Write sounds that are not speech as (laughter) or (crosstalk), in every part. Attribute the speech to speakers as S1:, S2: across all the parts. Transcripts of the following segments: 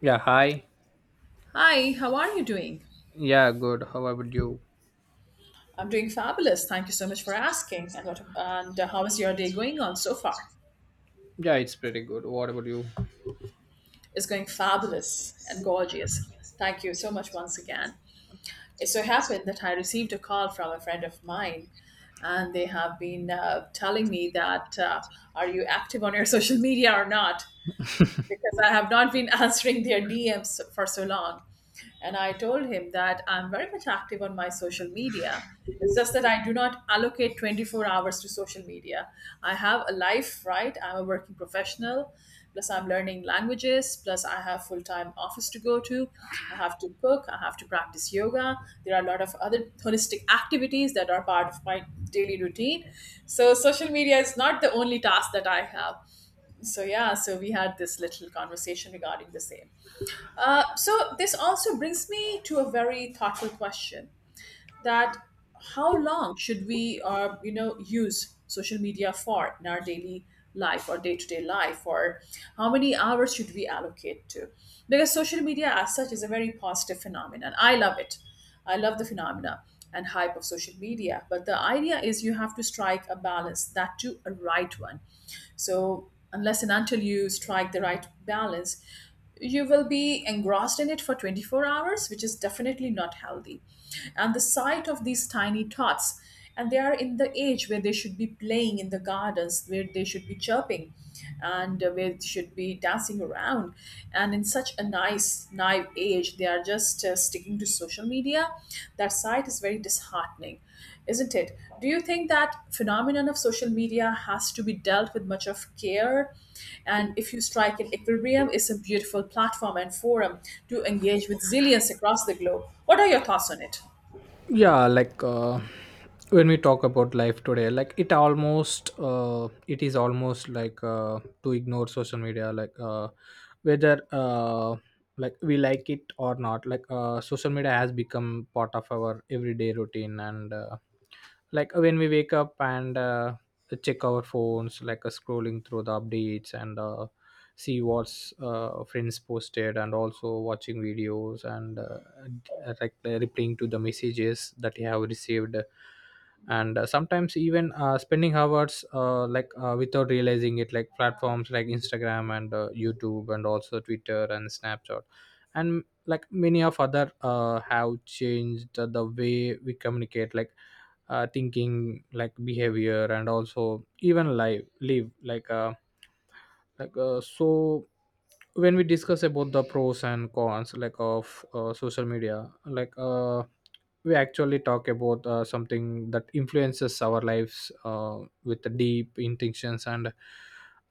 S1: Yeah, hi.
S2: Hi, how are you doing?
S1: Yeah, good. How about you?
S2: I'm doing fabulous. Thank you so much for asking. And what and How is your day going on so far?
S1: Yeah, it's pretty good. What about you?
S2: It's going fabulous and gorgeous. Thank you so much once again. It so happened that I received a call from a friend of mine, and they have been telling me that are you active on your (laughs) social media or not? Because I have not been (laughs) answering their DMs for so long. And I told him that I'm very much active on my social media. It's just that I do not allocate 24 hours to social media. I have a life, right? I'm a working professional. Plus, I'm learning languages. Plus, I have full time office to go to. I have to cook. I have to practice yoga. There are a lot of other holistic activities that are part of my daily routine. So, social media is not the only task that I have. So yeah, so we had this little conversation regarding the same. So this also brings me to a very thoughtful question, that how long should we use social media for in our daily life or day-to-day life, or how many hours should we allocate to, because social media as such is a very positive phenomenon. I love it. I love the phenomena and hype of social media, but the idea is you have to strike a balance, that too a right one. So unless and until you strike the right balance, you will be engrossed in it for 24 hours, which is definitely not healthy. And the sight of these tiny tots, and they are in the age where they should be playing in the gardens, where they should be chirping, and where they should be dancing around. And in such a nice, naive age, they are just sticking to social media. That side is very disheartening, isn't it? Do you think that phenomenon of social media has to be dealt with much of care, and if you strike an equilibrium, it's a beautiful platform and forum to engage with zillions across the globe? What are your thoughts on it?
S1: Yeah, like when we talk about life today, like it almost, it is almost like to ignore social media, like whether like we like it or not. Like social media has become part of our everyday routine and like when we wake up and check our phones, like scrolling through the updates and see what's friends posted, and also watching videos and like replying to the messages that you have received. And sometimes even spending hours like without realizing it, like platforms like Instagram and YouTube and also Twitter and Snapchat and like many of other have changed the way we communicate, like thinking, like behavior and also even life live like so when we discuss about the pros and cons like of social media, like we actually talk about something that influences our lives with the deep intentions. And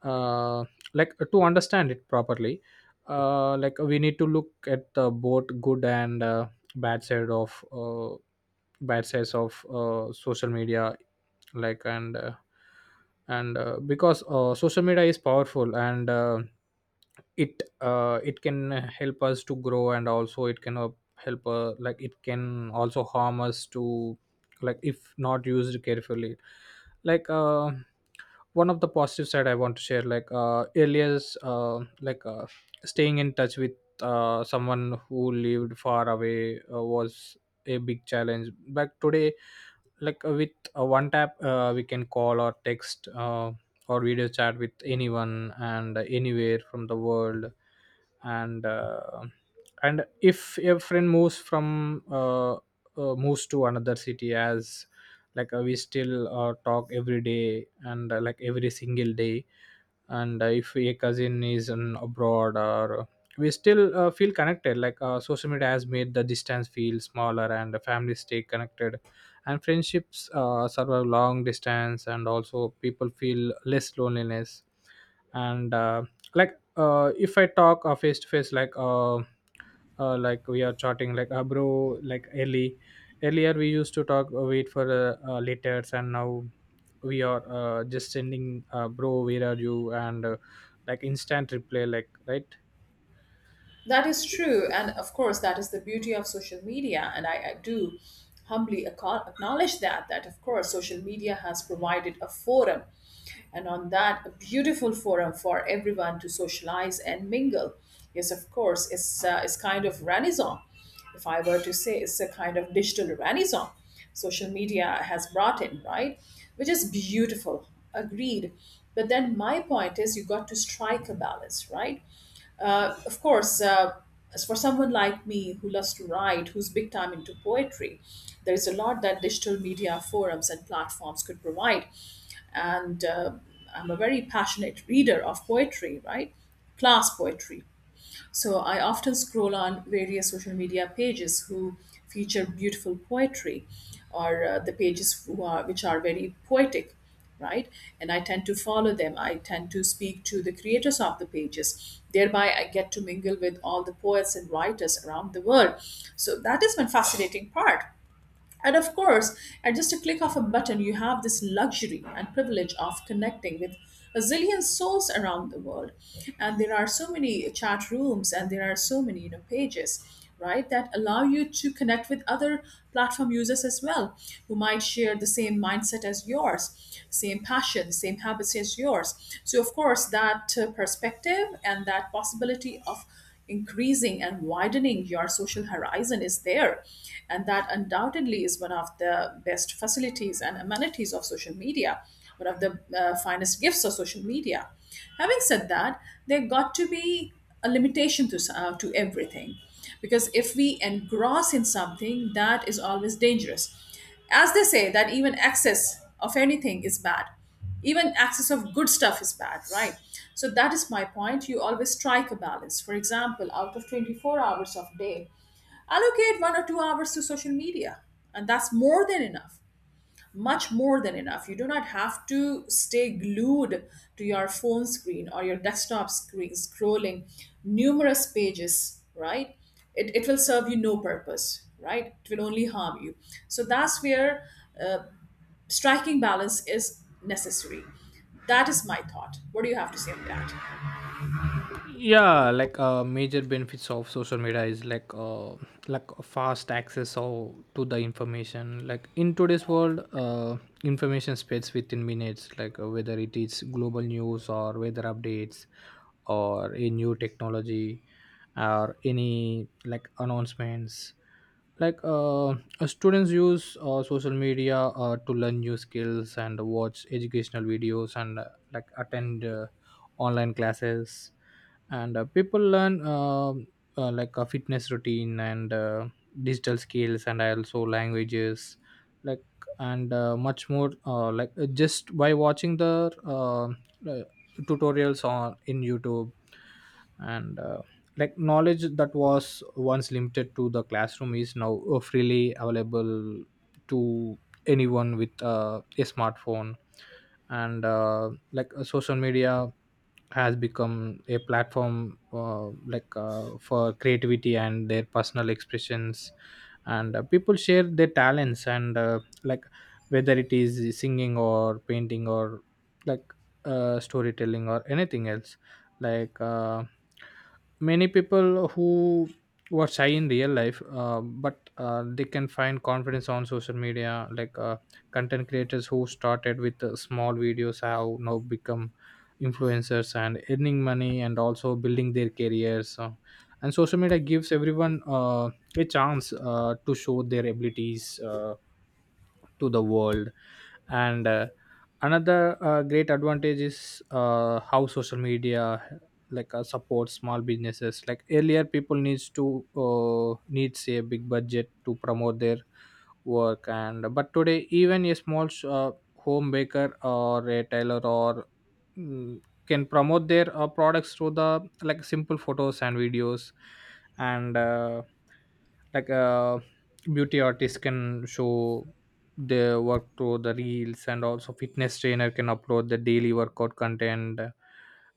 S1: uh, like to understand it properly, like we need to look at the both good and bad side of uh, bad sides of social media, like and because social media is powerful, and it can help us to grow, and also it can help like it can also harm us to, like if not used carefully. Like one of the positive side I want to share, like earlier like staying in touch with someone who lived far away was a big challenge back today. Like with one tap we can call or text or video chat with anyone and anywhere from the world. And uh, and if a friend moves from moves to another city, as like we still talk every day, and like every single day. And if a cousin is in abroad or we still feel connected, like social media has made the distance feel smaller, and the families stay connected, and friendships survive long distance, and also people feel less loneliness. And if I talk face to face, like we are chatting, like bro, like early earlier we used to talk wait for letters, and now we are just sending bro, where are you? And like instant reply, like, right?
S2: That is true. And of course, that is the beauty of social media. And I do humbly acknowledge that, that of course, social media has provided a forum. And on that, a beautiful forum for everyone to socialize and mingle. Yes, of course, it's kind of renaissance. If I were to say, it's a kind of digital renaissance social media has brought in, right? Which is beautiful. Agreed. But then my point is you got to strike a balance, right? Of course, as for someone like me who loves to write, who's big time into poetry, there is a lot that digital media forums and platforms could provide. And I'm a very passionate reader of poetry, right? Class poetry. So I often scroll on various social media pages who feature beautiful poetry, or the pages which are very poetic, right? And I tend to follow them. I tend to speak to the creators of the pages, thereby I get to mingle with all the poets and writers around the world. So that is one fascinating part. And of course, at just a click of a button, you have this luxury and privilege of connecting with a zillion souls around the world. And there are so many chat rooms and there are so many, you know, pages, right, that allow you to connect with other platform users as well, who might share the same mindset as yours, same passion, same habits as yours. So, of course, that perspective and that possibility of increasing and widening your social horizon is there, and that undoubtedly is one of the best facilities and amenities of social media, one of the finest gifts of social media. Having said that, there got to be a limitation to to everything, because if we engross in something, that is always dangerous. As they say that even excess of anything is bad, even access of good stuff is bad, right? So that is my point, you always strike a balance. For example, out of 24 hours of day, allocate 1 or 2 hours to social media, and that's more than enough. Much more than enough. You do not have to stay glued to your phone screen or your desktop screen, scrolling numerous pages, right? It will serve you no purpose, right? It will only harm you. So that's where, uh, striking balance is necessary. That is my thought. What do you have to say on that?
S1: Yeah, like major benefits of social media is, like fast access of, to the information, like in today's world information spreads within minutes, like whether it is global news or weather updates, or a new technology, or any like announcements. Like students use social media to learn new skills and watch educational videos, and like attend online classes. And people learn like a fitness routine and digital skills and also languages, like and much more just by watching the uh, uh, tutorials on in YouTube. And like knowledge that was once limited to the classroom is now freely available to anyone with a smartphone. And social media has become a platform like for creativity and their personal expressions, and people share their talents, and like, whether it is singing or painting or like storytelling or anything else. Like many people who were shy in real life, but they can find confidence on social media. Like content creators who started with small videos have now become influencers and earning money and also building their careers. And social media gives everyone a chance to show their abilities to the world. And another great advantage is how social media like supports small businesses. Like earlier people needs to needs a big budget to promote their work, and but today even a small home baker or a tailor or mm, can promote their products through the like simple photos and videos. And like uh, beauty artists can show their work through the reels, and also fitness trainer can upload the daily workout content.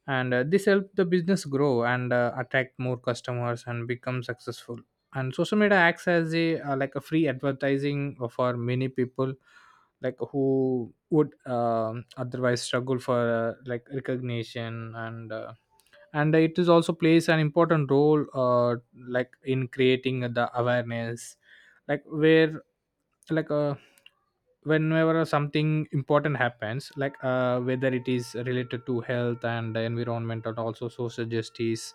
S1: And this helps the business grow, and attract more customers and become successful. And social media acts as a like a free advertising for many people, like who would otherwise struggle for like recognition. And and it is also plays an important role like in creating the awareness, like where, like whenever something important happens, like whether it is related to health and environment and also social justice,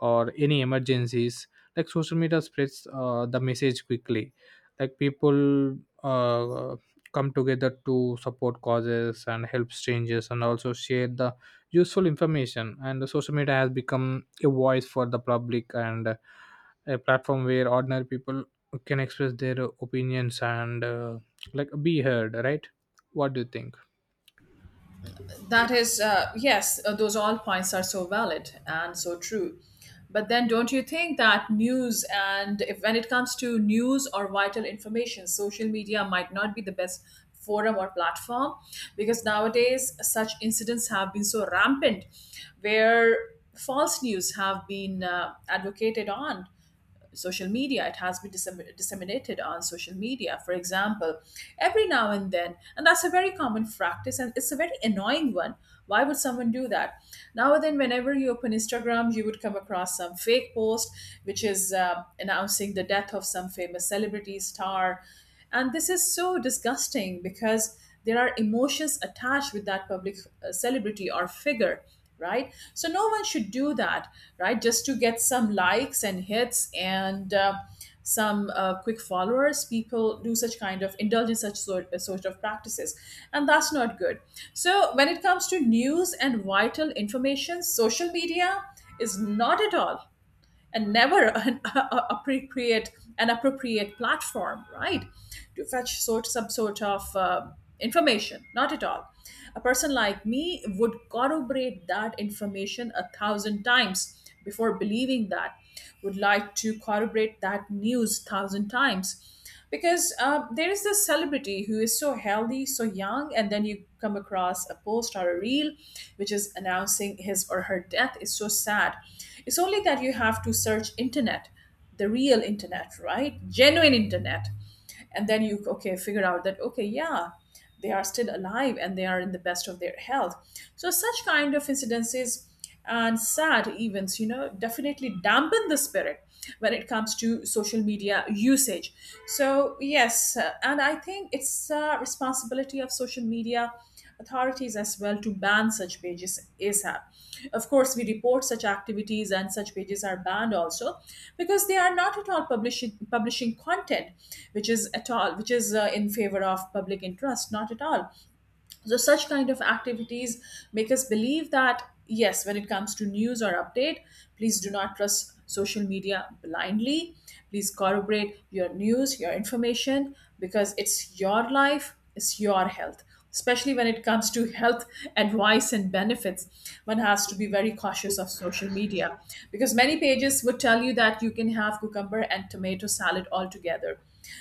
S1: or any emergencies. Like social media spreads the message quickly. Like people uh, come together to support causes and help strangers and also share the useful information. And the social media has become a voice for the public, and a platform where ordinary people can express their opinions, and like be heard, right? What do you think?
S2: That is, yes, those all points are so valid and so true. But then, don't you think that news, and if, when it comes to news or vital information, social media might not be the best forum or platform, because nowadays such incidents have been so rampant, where false news have been advocated on social media, it has been disseminated on social media, for example, every now and then, and that's a very common practice and it's a very annoying one. Why would someone do that? Now and then whenever you open instagram, you would come across some fake post which is announcing the death of some famous celebrity star. And this is so disgusting because there are emotions attached with that public celebrity or figure, right? So no one should do that, right? Just to get some likes and hits and some quick followers, people do such kind of, indulge in such sort of practices, and that's not good. So when it comes to news and vital information, social media is not at all and never an (laughs) appropriate, an appropriate platform, right, to fetch sort some sort of information, not at all. A person like me would corroborate that information 1,000 times before believing that, would like to corroborate that news 1,000 times, because there is this celebrity who is so healthy, so young, and then you come across a post or a reel which is announcing his or her death. Is so sad. It's only that you have to search internet, the real internet, right, genuine internet. And then you okay figure out that okay yeah, they are still alive and they are in the best of their health. So such kind of incidences and sad events, you know, definitely dampen the spirit when it comes to social media usage. So yes, and I think it's a responsibility of social media authorities as well to ban such pages ASAP. Of course, we report such activities and such pages are banned also, because they are not at all publishing content which is at all, which is in favor of public interest, not at all. So such kind of activities make us believe that yes, when it comes to news or update, please do not trust social media blindly. Please corroborate your news, your information, because it's your life, it's your health. Especially when it comes to health advice and benefits, one has to be very cautious of social media, because many pages would tell you that you can have cucumber and tomato salad all together,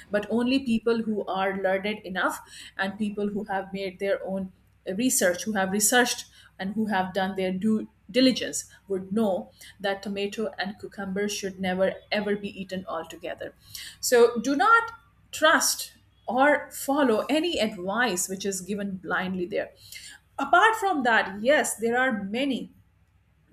S2: but only people who are learned enough, and people who have made their own research, who have researched and who have done their due diligence would know that tomato and cucumber should never ever be eaten altogether. So do not trust or follow any advice which is given blindly there. Apart from that, yes, there are many,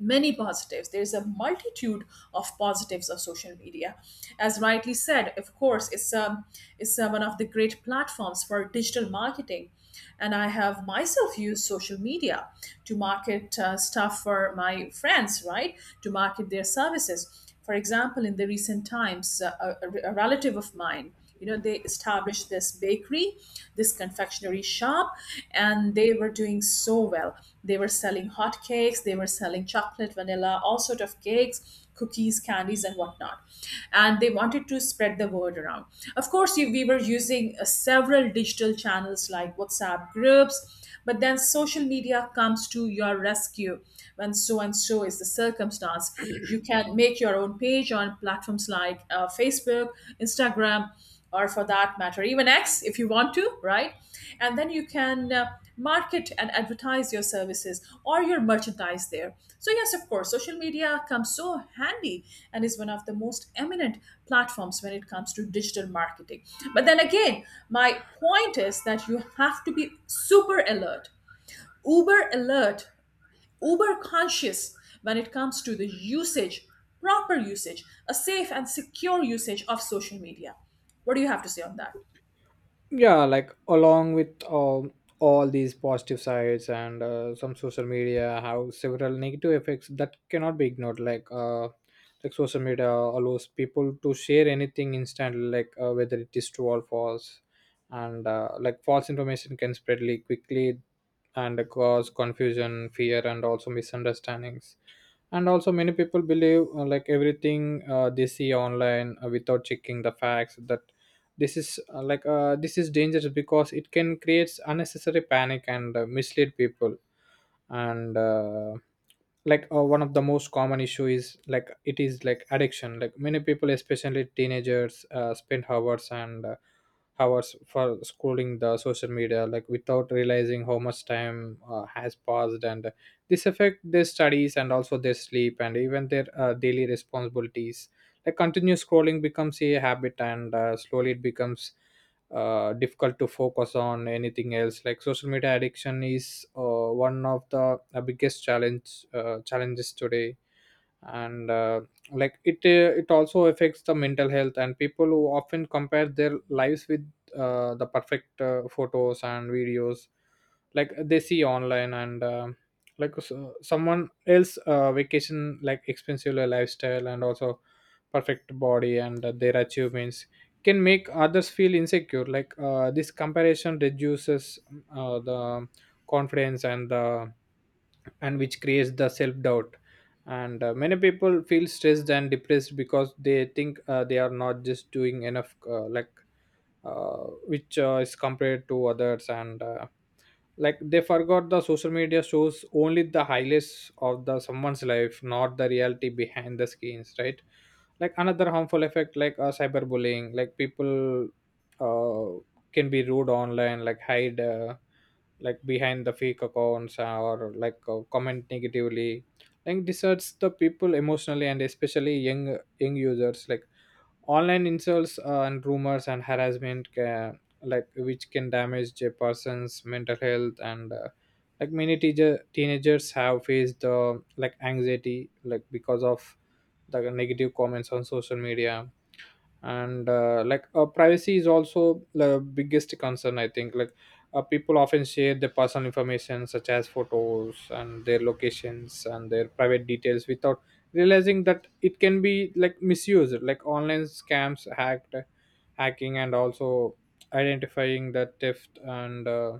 S2: many positives. There's a multitude of positives of social media, as rightly said. Of course, it's one of the great platforms for digital marketing. And I have myself used social media to market stuff for my friends, right, to market their services. For example, in the recent times, a relative of mine, you know, they established this bakery, this confectionery shop, and they were doing so well. They were selling hot cakes, they were selling chocolate, vanilla, all sort of cakes, cookies, candies, and whatnot. And they wanted to spread the word around. Of course, we were using several digital channels like WhatsApp groups, but then social media comes to your rescue when so and so is the circumstance. You can make your own page on platforms like Facebook, Instagram, or for that matter, even X if you want to, right? And then you can market and advertise your services or your merchandise there. So, yes, of course, social media comes so handy and is one of the most eminent platforms when it comes to digital marketing. But then again, my point is that you have to be super alert, uber conscious when it comes to the usage, proper usage, a safe and secure usage of social media. What do you have to say on that?
S1: Yeah, like along with all these positive sides, and some social media have several negative effects that cannot be ignored. Like like social media allows people to share anything instantly, like whether it is true or false. And like false information can spread really quickly and cause confusion, fear, and also misunderstandings. And also many people believe like everything they see online without checking the facts, that this is this is dangerous because it can create unnecessary panic and mislead people. And one of the most common issue is like it is like addiction. Like many people, especially teenagers, spend hours and hours for scrolling the social media, like without realizing how much time has passed. And this affect their studies and also their sleep and even their daily responsibilities. Like continuous scrolling becomes a habit, and slowly it becomes difficult to focus on anything else. Like social media addiction is one of the biggest challenges today. And it also affects the mental health. And people who often compare their lives with the perfect photos and videos like they see online, and someone else vacation, like expensive lifestyle and also perfect body and their achievements, can make others feel insecure. Like this comparison reduces the confidence, and which creates the self doubt. And many people feel stressed and depressed because they think they are not just doing enough, which is compared to others. And like they forgot the social media shows only the highlights of the someone's life, not the reality behind the screens, right? Like another harmful effect, like cyberbullying. Like people uh, can be rude online, like hide like behind the fake accounts, or like comment negatively. Like this hurts the people emotionally, and especially young users. Like online insults and rumors and harassment can, like which can damage a person's mental health. And like many teacher teenagers have faced like anxiety like because of the negative comments on social media and privacy is also the biggest concern I think. Like people often share their personal information, such as photos and their locations and their private details, without realizing that it can be like misused. Like online scams, hacked hacking and also identifying the theft, and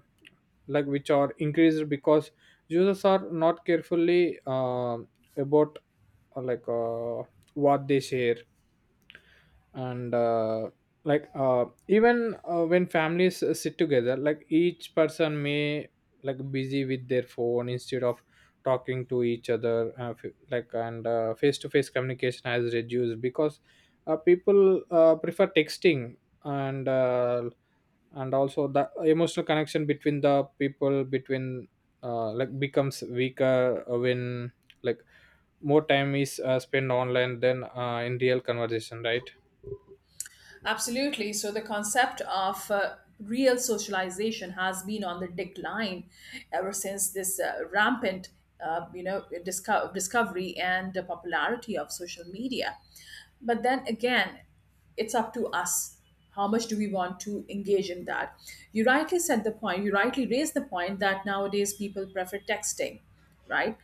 S1: like which are increased because users are not carefully about uh, like uh, what they share. And even when families sit together, like each person may like busy with their phone instead of talking to each other, f- like and face-to-face communication has reduced because people prefer texting. And uh, and also the emotional connection between the people between like becomes weaker when like more time is spent online than in real conversation, right?
S2: Absolutely. So the concept of real socialization has been on the decline ever since this rampant, discovery and the popularity of social media. But then again, it's up to us. How much do we want to engage in that? You rightly said the point. You rightly raised the point that nowadays people prefer texting, right?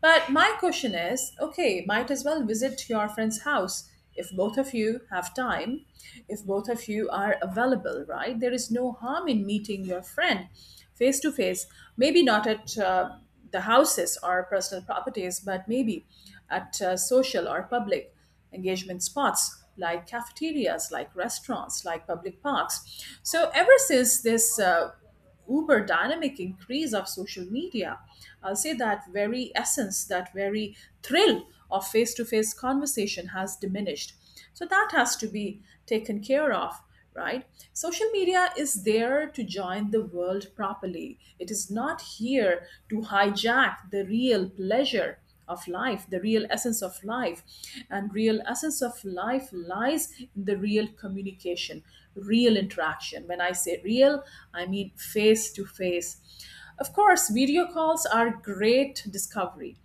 S2: But my question is, okay, might as well visit your friend's house if both of you have time, if both of you are available, right? There is no harm in meeting your friend face to face, maybe not at the houses or personal properties, but maybe at social or public engagement spots like cafeterias, like restaurants, like public parks. So, ever since this uber dynamic increase of social media, I'll say that very essence, that very thrill of face to face conversation has diminished, so that has to be taken care of, right? Social media is there to join the world properly. It is not here to hijack the real pleasure of life, the real essence of life. And real essence of life lies in the real communication, real interaction. When I say real, I mean face to face. Of course, video calls are great discovery.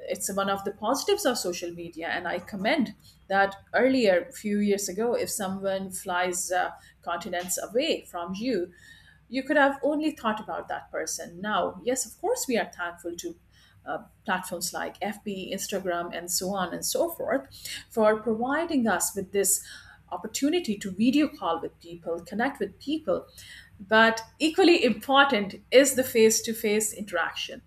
S2: It's one of the positives of social media, and I commend that. Earlier, a few years ago, if someone flies continents away from you, you could have only thought about that person. Now, yes, of course, we are thankful to uh, platforms like FB, Instagram, and so on and so forth for providing us with this opportunity to video call with people, connect with people. But equally important is the face to face interaction.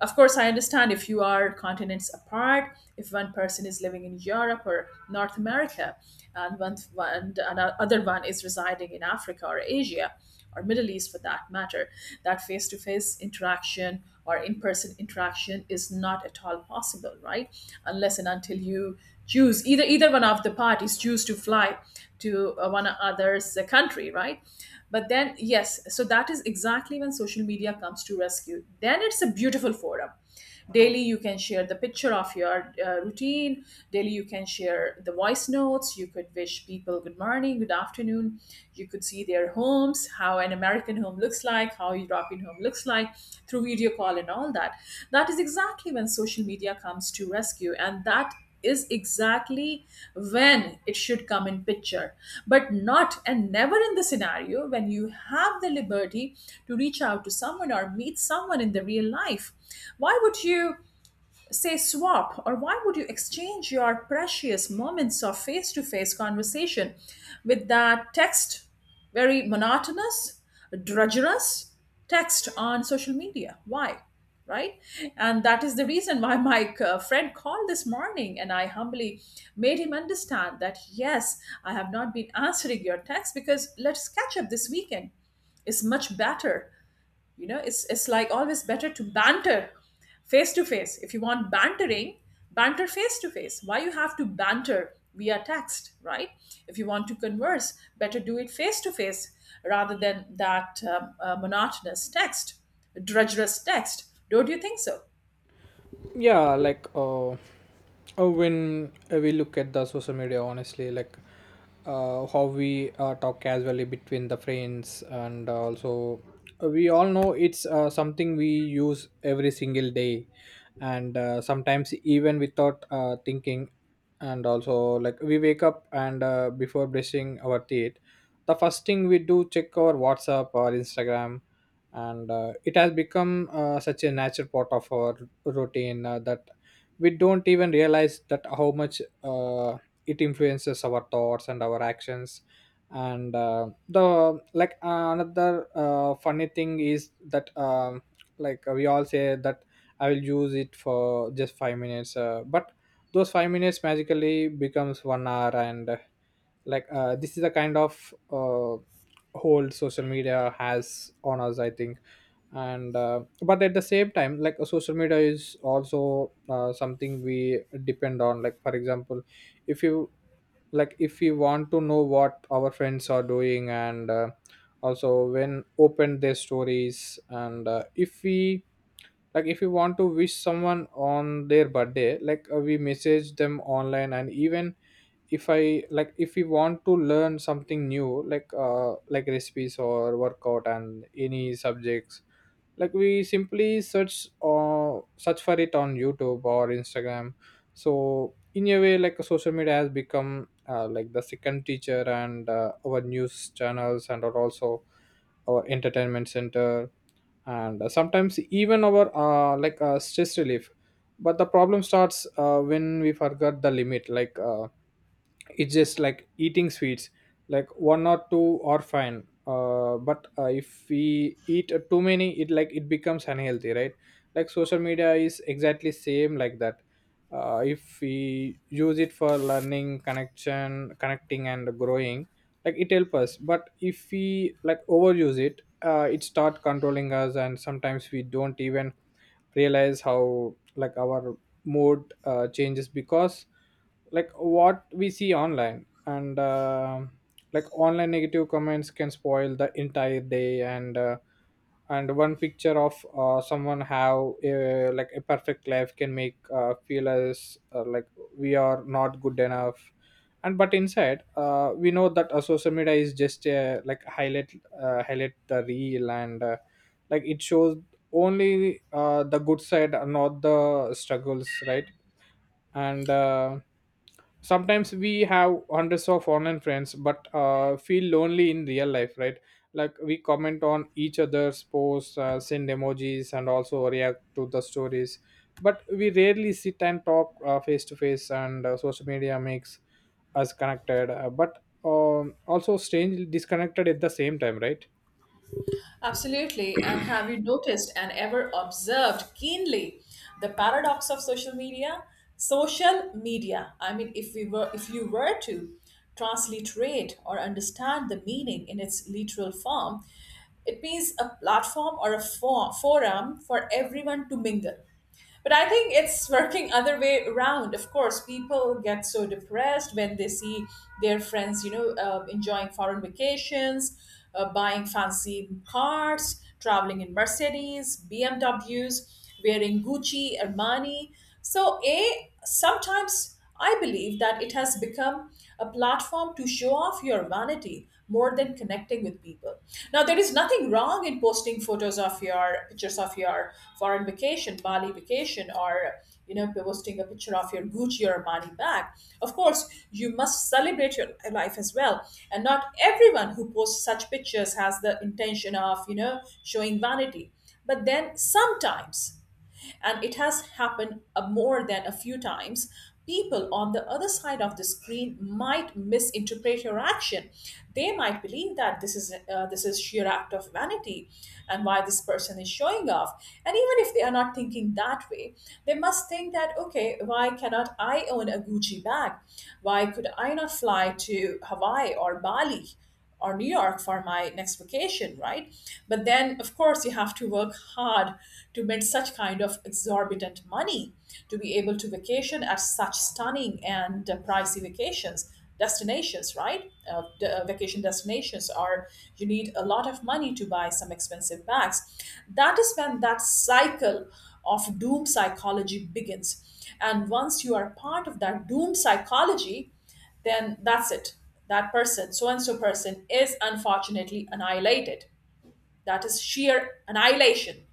S2: Of course, I understand if you are continents apart, if one person is living in Europe or North America, and one and another one is residing in Africa or Asia or Middle East for that matter, that face to face interaction or in person interaction is not at all possible, right? Unless and until you choose either one of the parties choose to fly to one another's country, right? But then, yes, so that is exactly when social media comes to rescue. Then it's a beautiful forum. Daily, you can share the picture of your routine. Daily, you can share the voice notes. You could wish people good morning, good afternoon. You could see their homes, how an American home looks like, how European home looks like through video call and all that. That is exactly when social media comes to rescue. And that is exactly when it should come in picture, but not and never in the scenario when you have the liberty to reach out to someone or meet someone in the real life. Why would you say swap, or why would you exchange your precious moments of face to face conversation with that text, very monotonous, drudgerous text on social media? Why, right? And that is the reason why my friend called this morning and I humbly made him understand that, yes, I have not been answering your text because let's catch up this weekend, is much better. You know, it's like always better to banter face to face. If you want bantering, banter face to face. Why you have to banter via text, right? If you want to converse better, do it face to face rather than that monotonous text, drudgerous text. Don't you think so?
S1: Yeah, like when we look at the social media honestly, like how we talk casually between the friends, and also we all know it's something we use every single day. And sometimes even without thinking. And also like we wake up, and before brushing our teeth, the first thing we do check our WhatsApp or Instagram. And it has become such a natural part of our routine that we don't even realize that how much it influences our thoughts and our actions. And the like another funny thing is that Like we all say that I will use it for just 5 minutes, but those 5 minutes magically becomes 1 hour. And like This is the kind of hold social media has on us, I think. And But at the same time, social media is also something we depend on. Like, for example, if you if you want to know what our friends are doing, and also when open their stories. And if we like If you want to wish someone on their birthday, we message them online. And even if I like if we want to learn something new, like recipes or workout and any subjects, like we simply search for it on YouTube or Instagram. So in a way, like, social media has become, like, the second teacher, and our news channels, and are also our entertainment center, and sometimes even our, stress relief. But the problem starts when we forget the limit. Like, it's just like eating sweets. Like, one or two are fine, but if we eat too many, it becomes unhealthy, right? Like, social media is exactly same like that. If we use it for learning connection connecting and growing, like, it help us. But if we like overuse it, it start controlling us, and sometimes we don't even realize how, like, our mood changes because, like, what we see online. And Like, online negative comments can spoil the entire day. And one picture of someone have a, like, a perfect life can make, feel as, like, we are not good enough. And But inside, we know that social media is just, like, highlight the real. And Like, it shows only, the good side and not the struggles, right? and Sometimes we have hundreds of online friends but, feel lonely in real life, right? Like, we comment on each other's posts, send emojis and also react to the stories, but we rarely sit and talk, face to face. And Social media makes us connected, but also strange disconnected at the same time, right?
S2: Absolutely. And have you noticed and ever observed keenly the paradox of social media? Social media, I mean, if we were, if you were to transliterate or understand the meaning in its literal form, it means a platform or a forum for everyone to mingle, but I think it's working other way around. Of course, people get so depressed when they see their friends, you know, enjoying foreign vacations, buying fancy cars, traveling in Mercedes, BMWs, wearing Gucci, Armani. So, a sometimes I believe that it has become a platform to show off your vanity more than connecting with people. Now, there is nothing wrong in posting photos of your pictures of your foreign vacation, Bali vacation, or you know, posting a picture of your Gucci or Armani bag. Of course, you must celebrate your life as well. And not everyone who posts such pictures has the intention of, you know, showing vanity. But then sometimes, and it has happened more than a few times, people on the other side of the screen might misinterpret your action. They might believe that this is sheer act of vanity, and why this person is showing off. And even if they are not thinking that way, they must think that, okay, why cannot I own a Gucci bag? Why could I not fly to Hawaii or Bali or New York for my next vacation, right? But then, of course, you have to work hard to make such kind of exorbitant money to be able to vacation at such stunning and pricey vacations destinations, right? Vacation destinations are, you need a lot of money to buy some expensive bags. That is when that cycle of doom psychology begins, and once you are part of that doom psychology, then that's it. That person, so and so person, is unfortunately annihilated. That is sheer annihilation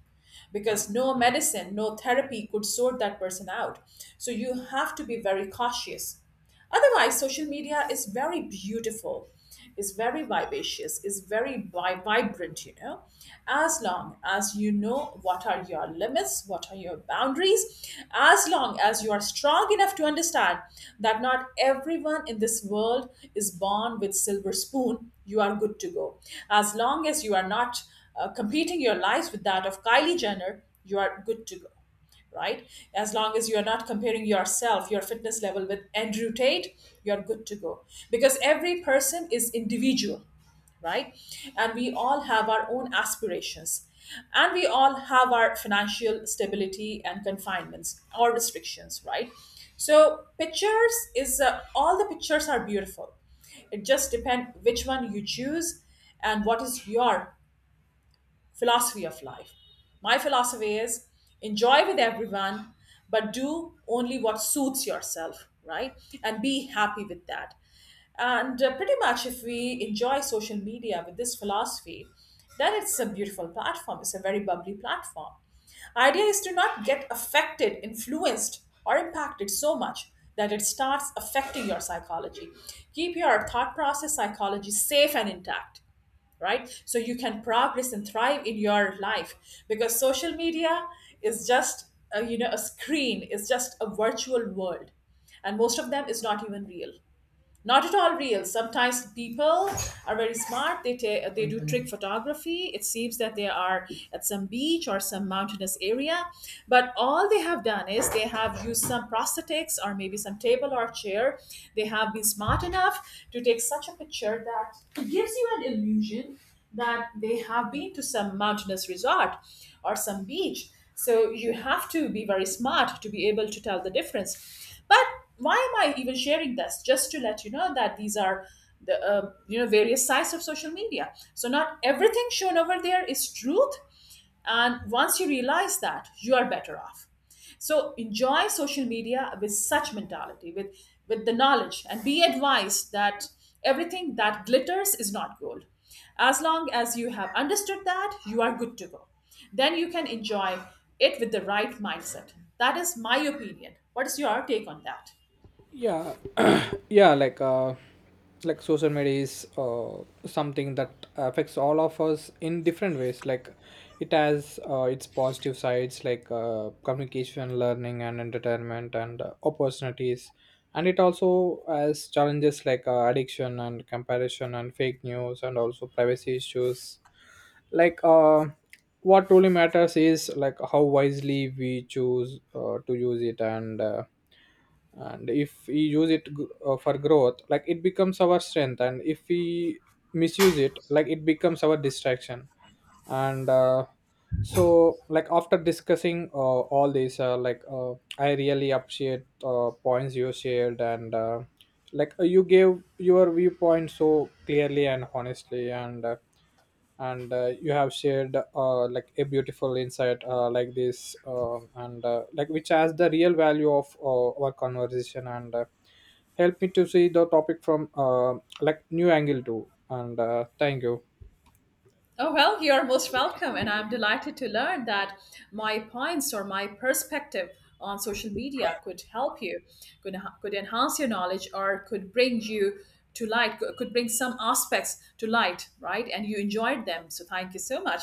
S2: because no medicine, no therapy could sort that person out. So you have to be very cautious. Otherwise, social media is very beautiful, is very vivacious, is very vibrant, you know, as long as you know what are your limits, what are your boundaries, as long as you are strong enough to understand that not everyone in this world is born with silver spoon, you are good to go. As long as you are not competing your lives with that of Kylie Jenner, you are good to go, right? As long as you're not comparing yourself, your fitness level with Andrew Tate, you're good to go. Because every person is individual, right? And we all have our own aspirations. And we all have our financial stability and confinements or restrictions, right? So, pictures is all the pictures are beautiful. It just depends which one you choose and what is your philosophy of life. My philosophy is enjoy with everyone, but do only what suits yourself, right? And be happy with that. And pretty much, if we enjoy social media with this philosophy, then it's a beautiful platform. It's a very bubbly platform. Idea is to not get affected, influenced, or impacted so much that it starts affecting your psychology. Keep your thought process psychology safe and intact, right? So you can progress and thrive in your life, because social media is just a, you know, a screen, it's just a virtual world, and most of them is not even real. Not at all real. Sometimes people are very smart. They do Mhm. trick photography. It seems that they are at some beach or some mountainous area, but all they have done is they have used some prosthetics or maybe some table or chair. They have been smart enough to take such a picture that it gives you an illusion that they have been to some mountainous resort or some beach. So you have to be very smart to be able to tell the difference. But why am I even sharing this? Just to let you know that these are the various sides of social media. So not everything shown over there is truth, and once you realize that, you are better off. So enjoy social media with such mentality, with the knowledge, and be advised that everything that glitters is not gold. As long as you have understood that, you are good to go. Then you can enjoy it with the right mindset. That is my opinion. What is your take on that?
S1: Yeah. (clears throat) Yeah, like, social media is something that affects all of us in different ways. Like, it has, its positive sides, like, communication, learning, and entertainment, and opportunities. And it also has challenges, like, addiction and comparison and fake news and also privacy issues. like uh what truly matters is, like, how wisely we choose to use it. And if we use it for growth, like, it becomes our strength. And if we misuse it, like, it becomes our distraction. And So, like, after discussing, all these, I really appreciate, points you shared. And like You gave your viewpoint so clearly and honestly. And you have shared, like, a beautiful insight, like this, and like, which has the real value of our conversation, and help me to see the topic from, like, new angle too. And Thank you.
S2: Oh, well, you're most welcome. And I'm delighted to learn that my points or my perspective on social media could help you, could enhance your knowledge, or could bring you to light, could bring some aspects to light, right? And you enjoyed them. So thank you so much.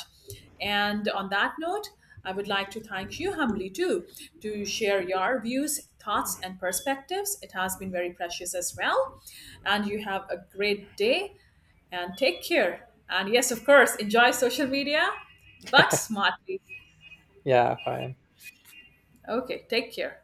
S2: And on that note, I would like to thank you humbly too to share your views, thoughts, and perspectives. It has been very precious as well. And you have a great day and take care. And yes, of course, enjoy social media, but smartly.
S1: Yeah, fine.
S2: Okay, take care.